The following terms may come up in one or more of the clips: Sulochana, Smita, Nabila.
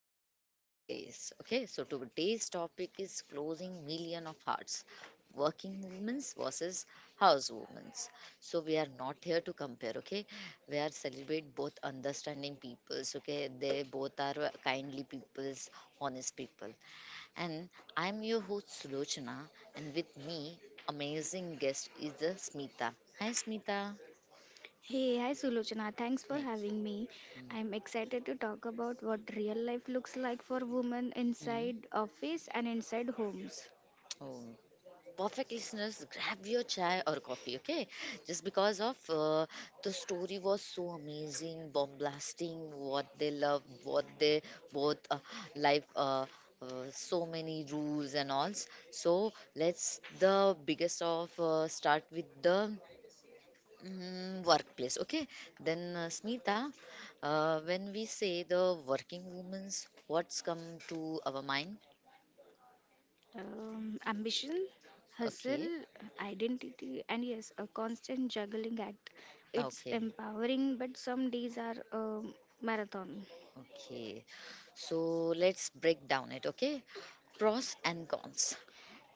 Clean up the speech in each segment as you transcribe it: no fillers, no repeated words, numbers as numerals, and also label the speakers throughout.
Speaker 1: podcast today's. Okay, so today's topic is closing million of hearts, working women's versus house women's. So we are not here to compare. Okay, we are celebrate both understanding peoples. Okay, they both are kindly peoples, honest people, and I'm your host Sulochana, and with me, amazing guest is the Smita. Hi, Smita.
Speaker 2: Hey, hi Sulochana. Thanks for
Speaker 1: Hey.
Speaker 2: having me. I'm excited to talk about what real life looks like for women
Speaker 1: Mhm.
Speaker 2: inside office and inside homes.
Speaker 1: Oh. Perfect listeners, grab your chai or coffee, okay, just because of the story was so amazing bomb blasting what they love what they both life so many rules and all. So let's the biggest of start with the workplace, okay? Then Smita, when we say the working women's, what's come to our mind?
Speaker 2: Ambition, hustle,
Speaker 1: Okay.
Speaker 2: identity, and yes, a constant juggling act. It's
Speaker 1: Okay.
Speaker 2: empowering, but some days are a marathon.
Speaker 1: Okay, so let's break down it, okay? Pros and cons.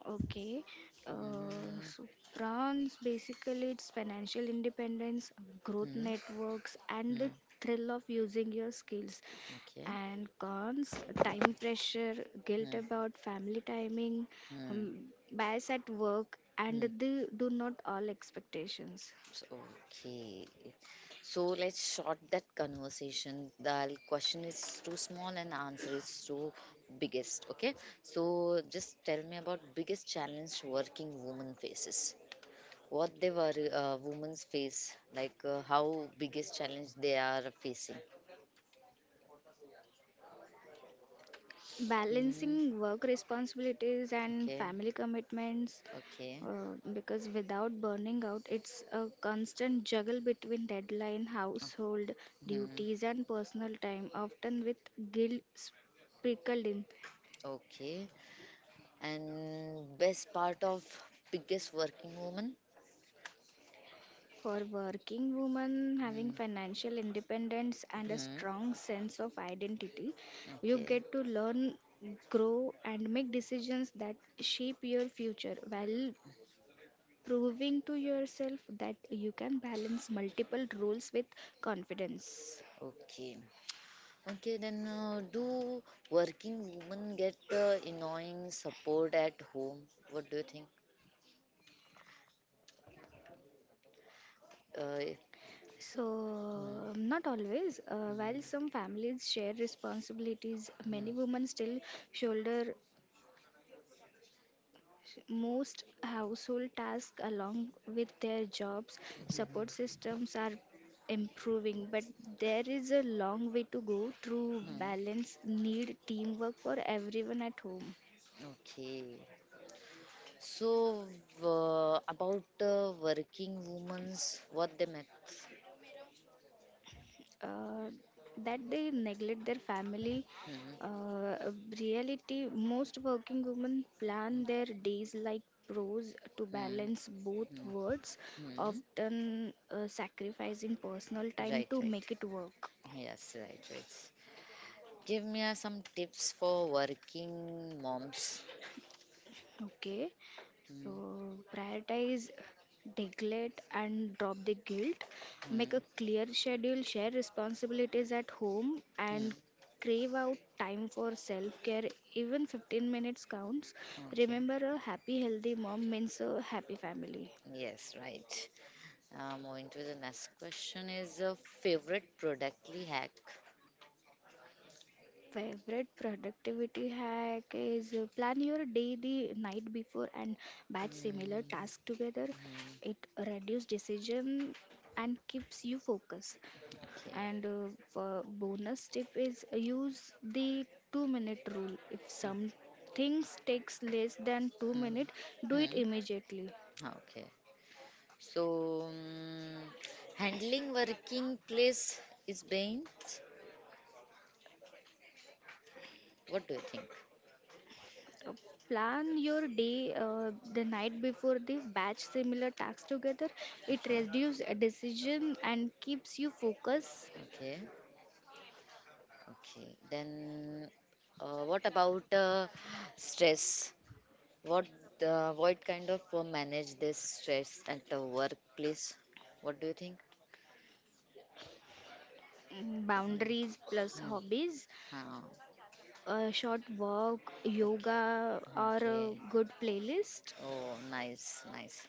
Speaker 2: Okay. Uh,
Speaker 1: Hmm,
Speaker 2: so prawns basically it's financial independence, growth
Speaker 1: hmm,
Speaker 2: networks, and
Speaker 1: hmm,
Speaker 2: the thrill of using your skills.
Speaker 1: okay.
Speaker 2: And cons, time pressure, guilt
Speaker 1: Hmm,
Speaker 2: about family timing, um,
Speaker 1: hmm,
Speaker 2: bias at work, and
Speaker 1: hmm.
Speaker 2: the do not all expectations.
Speaker 1: So, okay. So let's short that conversation. The question is too small and answer is too biggest, okay? So just tell me about biggest challenge working woman faces. What they were women's face, like how biggest challenge they are facing. Mm-hmm.
Speaker 2: Balancing work responsibilities and
Speaker 1: Okay,
Speaker 2: family commitments,
Speaker 1: okay,
Speaker 2: because without burning out it's a constant juggle between deadline household
Speaker 1: mhm,
Speaker 2: duties and personal time, often with guilt sprinkled in.
Speaker 1: okay. And best part of biggest working woman?
Speaker 2: For working women, having financial independence and a
Speaker 1: Mm-hmm.
Speaker 2: strong sense of identity, you
Speaker 1: Okay,
Speaker 2: get to learn, grow, and make decisions that shape your future, while proving to yourself that you can balance multiple roles with confidence.
Speaker 1: okay, okay. Then do working women get annoying support at home? What do you think? Uh,
Speaker 2: So,
Speaker 1: hmm,
Speaker 2: Not always. While some families share responsibilities, many
Speaker 1: hmm,
Speaker 2: women still shoulder most household tasks along with their jobs. Support systems are improving, but there is a long way to go through
Speaker 1: hmm.
Speaker 2: balance, need teamwork for everyone at home.
Speaker 1: Okay. So about working women's, what they met.
Speaker 2: uh, that they neglect their family,
Speaker 1: Hmm,
Speaker 2: uh, reality. Most working women plan their days like pros to
Speaker 1: hmm,
Speaker 2: balance both
Speaker 1: hmm,
Speaker 2: worlds,
Speaker 1: hmm.
Speaker 2: often sacrificing personal time
Speaker 1: Right,
Speaker 2: to
Speaker 1: right.
Speaker 2: make it work.
Speaker 1: Yes, right, right. Give me some tips for working moms.
Speaker 2: Okay, so
Speaker 1: Mm,
Speaker 2: prioritize, neglect, and drop the guilt. Make a
Speaker 1: mm,
Speaker 2: clear schedule, share responsibilities at home,
Speaker 1: mm.
Speaker 2: and crave out time for self care. Even 15 minutes counts.
Speaker 1: Okay.
Speaker 2: Remember, a happy, healthy mom means a happy family.
Speaker 1: Yes, right. Moving to the next question is a favorite productly hack.
Speaker 2: Favorite productivity hack is, plan your day the night before and batch similar
Speaker 1: Mm,
Speaker 2: tasks together.
Speaker 1: mm,
Speaker 2: It reduces decision and keeps you focused.
Speaker 1: okay.
Speaker 2: And bonus tip is, use the 2 minute rule. If some things takes less than two
Speaker 1: Mm,
Speaker 2: minutes, do it
Speaker 1: mm,
Speaker 2: immediately.
Speaker 1: okay. So, mm, handling working place is being. What do you think?
Speaker 2: Uh, plan your day, the night before the batch similar tasks together. It
Speaker 1: Okay.
Speaker 2: reduces a decision and keeps you focused.
Speaker 1: Okay. Okay, then what about stress? What what kind of manage this stress at the workplace? What do you think?
Speaker 2: Mm, boundaries plus
Speaker 1: Hmm.
Speaker 2: hobbies,
Speaker 1: Ah,
Speaker 2: a short walk,
Speaker 1: okay.
Speaker 2: yoga, or a
Speaker 1: Okay.
Speaker 2: good playlist.
Speaker 1: Oh, nice, nice.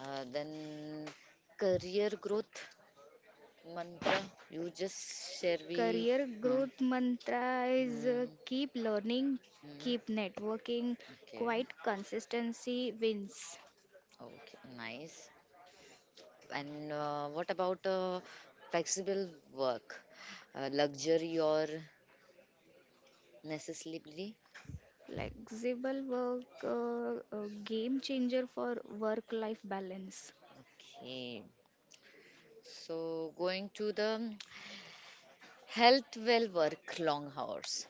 Speaker 1: Then career growth mantra. You just share we.
Speaker 2: Career
Speaker 1: Huh?
Speaker 2: growth mantra is,
Speaker 1: Hmm.
Speaker 2: keep learning, keep
Speaker 1: Hmm.
Speaker 2: networking,
Speaker 1: Okay.
Speaker 2: quite consistency wins.
Speaker 1: Okay. Nice. And what about flexible work? Luxury or necessity?
Speaker 2: Flexible work, a game changer for work life balance.
Speaker 1: Okay. So going to the health well work long hours.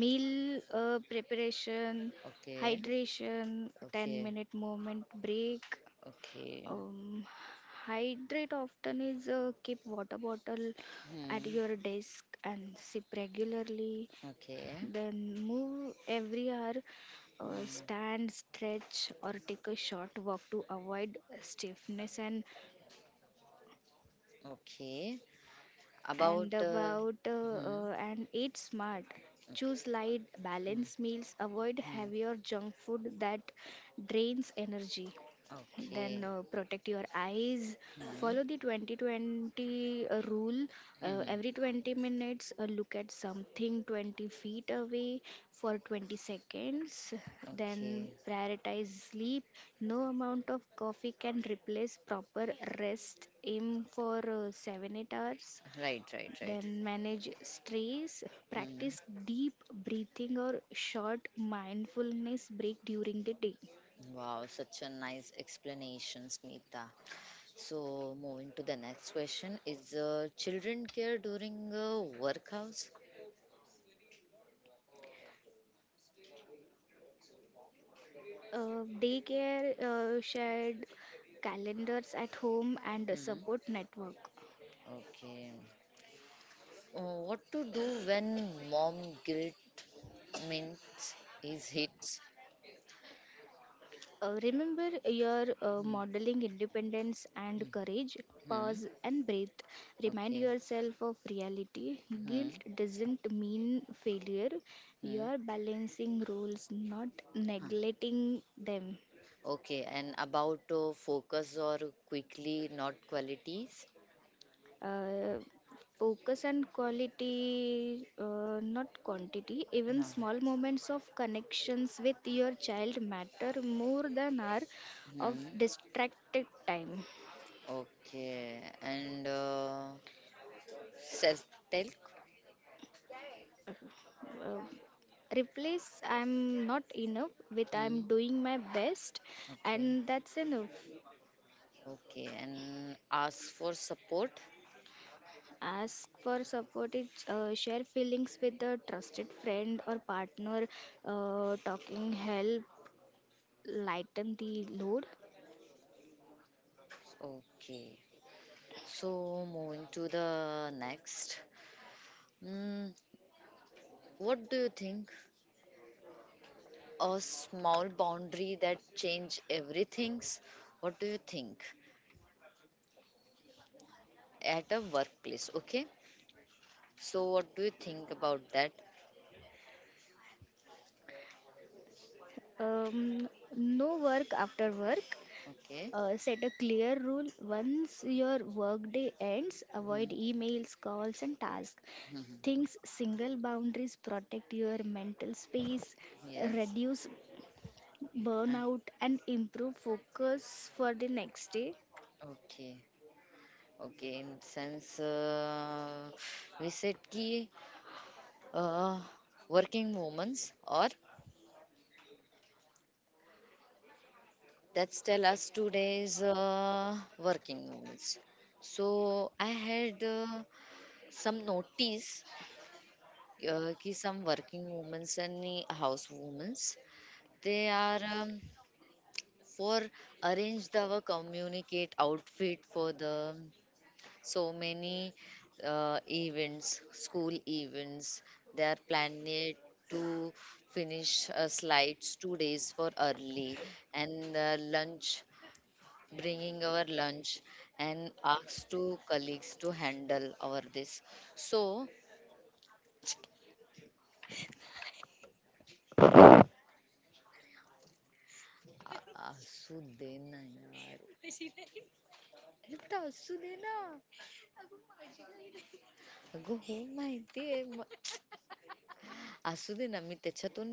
Speaker 2: Meal preparation,
Speaker 1: Okay.
Speaker 2: hydration, 10
Speaker 1: Okay.
Speaker 2: minute movement break.
Speaker 1: Okay.
Speaker 2: Um, Hydrate often is, keep water bottle at
Speaker 1: Hmm.
Speaker 2: your desk and sip regularly.
Speaker 1: Okay.
Speaker 2: Then move every hour,
Speaker 1: Hmm.
Speaker 2: stand, stretch, or take a short walk to avoid stiffness. and
Speaker 1: Okay. About
Speaker 2: and about
Speaker 1: hmm.
Speaker 2: and eat smart,
Speaker 1: Okay.
Speaker 2: choose light
Speaker 1: Hmm.
Speaker 2: balanced meals, avoid
Speaker 1: Hmm.
Speaker 2: heavier junk food that drains energy. Then
Speaker 1: Okay.
Speaker 2: protect your eyes,
Speaker 1: Hmm.
Speaker 2: follow the 2020 rule,
Speaker 1: Hmm. Hmm.
Speaker 2: every 20 minutes, look at something 20 feet away for 20 seconds. Then
Speaker 1: Okay.
Speaker 2: prioritize sleep, no amount of coffee can replace proper rest, aim for 7 8 hours.
Speaker 1: Right. Right. Right.
Speaker 2: Then manage stress,
Speaker 1: Hmm.
Speaker 2: practice deep breathing or short mindfulness break during the day.
Speaker 1: Wow, such a nice explanation, Smita. So, moving to the next question is children care during work hours?
Speaker 2: Daycare, shared calendars at home, and a
Speaker 1: Hmm.
Speaker 2: support network.
Speaker 1: Okay. Uh, what to do when mom guilt means is hits?
Speaker 2: Remember your,
Speaker 1: Hmm.
Speaker 2: modeling independence and courage,
Speaker 1: Hmm. Hmm.
Speaker 2: pause and breathe, remind
Speaker 1: Okay.
Speaker 2: yourself of reality. Guilt
Speaker 1: Hmm.
Speaker 2: doesn't mean failure, you
Speaker 1: Hmm.
Speaker 2: are balancing roles, not
Speaker 1: Huh.
Speaker 2: neglecting them.
Speaker 1: Okay. And about focus or quickly, not qualities?
Speaker 2: uh, Focus and quality, not quantity. Even
Speaker 1: Huh.
Speaker 2: small moments of connections with your child matter more than hour of
Speaker 1: Hmm.
Speaker 2: distracted time.
Speaker 1: Okay. And self-talk?
Speaker 2: Uh, Replace I'm not enough with I'm
Speaker 1: Hmm.
Speaker 2: doing my best,
Speaker 1: Okay,
Speaker 2: and that's enough.
Speaker 1: okay, and ask for support.
Speaker 2: Ask for support, it's, share feelings with a trusted friend or partner. Uh, talking help lighten the load.
Speaker 1: Okay, so moving to the next. Mm, what do you think? A small boundary that change everything's. What do you think? At a workplace, okay? So what do you think about that?
Speaker 2: Um,
Speaker 1: No
Speaker 2: no
Speaker 1: work
Speaker 2: work
Speaker 1: after
Speaker 2: after
Speaker 1: work.
Speaker 2: work.
Speaker 1: Okay. Set
Speaker 2: Set a
Speaker 1: a clear
Speaker 2: clear
Speaker 1: rule
Speaker 2: rule,
Speaker 1: once
Speaker 2: once
Speaker 1: your
Speaker 2: your
Speaker 1: workday
Speaker 2: workday
Speaker 1: ends.
Speaker 2: ends, avoid
Speaker 1: Avoid Mhm. emails,
Speaker 2: emails,
Speaker 1: calls,
Speaker 2: calls,
Speaker 1: and
Speaker 2: and
Speaker 1: tasks.
Speaker 2: tasks.
Speaker 1: Mhm. Think
Speaker 2: Things
Speaker 1: single
Speaker 2: single
Speaker 1: boundaries
Speaker 2: boundaries protect
Speaker 1: protect your
Speaker 2: your
Speaker 1: mental
Speaker 2: mental
Speaker 1: space,
Speaker 2: space,
Speaker 1: yes, reduce
Speaker 2: reduce
Speaker 1: and burnout,
Speaker 2: burnout,
Speaker 1: and
Speaker 2: and
Speaker 1: improve
Speaker 2: improve
Speaker 1: focus.
Speaker 2: focus for the next day.
Speaker 1: Okay. Okay. In sense, we said ki uh, working moments or that's tell us today's working moments. So I had some notice ki some working moments and the house women's, they are for arrange the our communicate outfit for the so many events, school events. They are planning to finish slides 2 days for early and lunch bringing our lunch and asked to colleagues to handle our this. So, आ- असू दे ना यार. अरे बेटा असू दे ना. अगं हो माहितीये. म- असू दे ना मी त्याच्यातून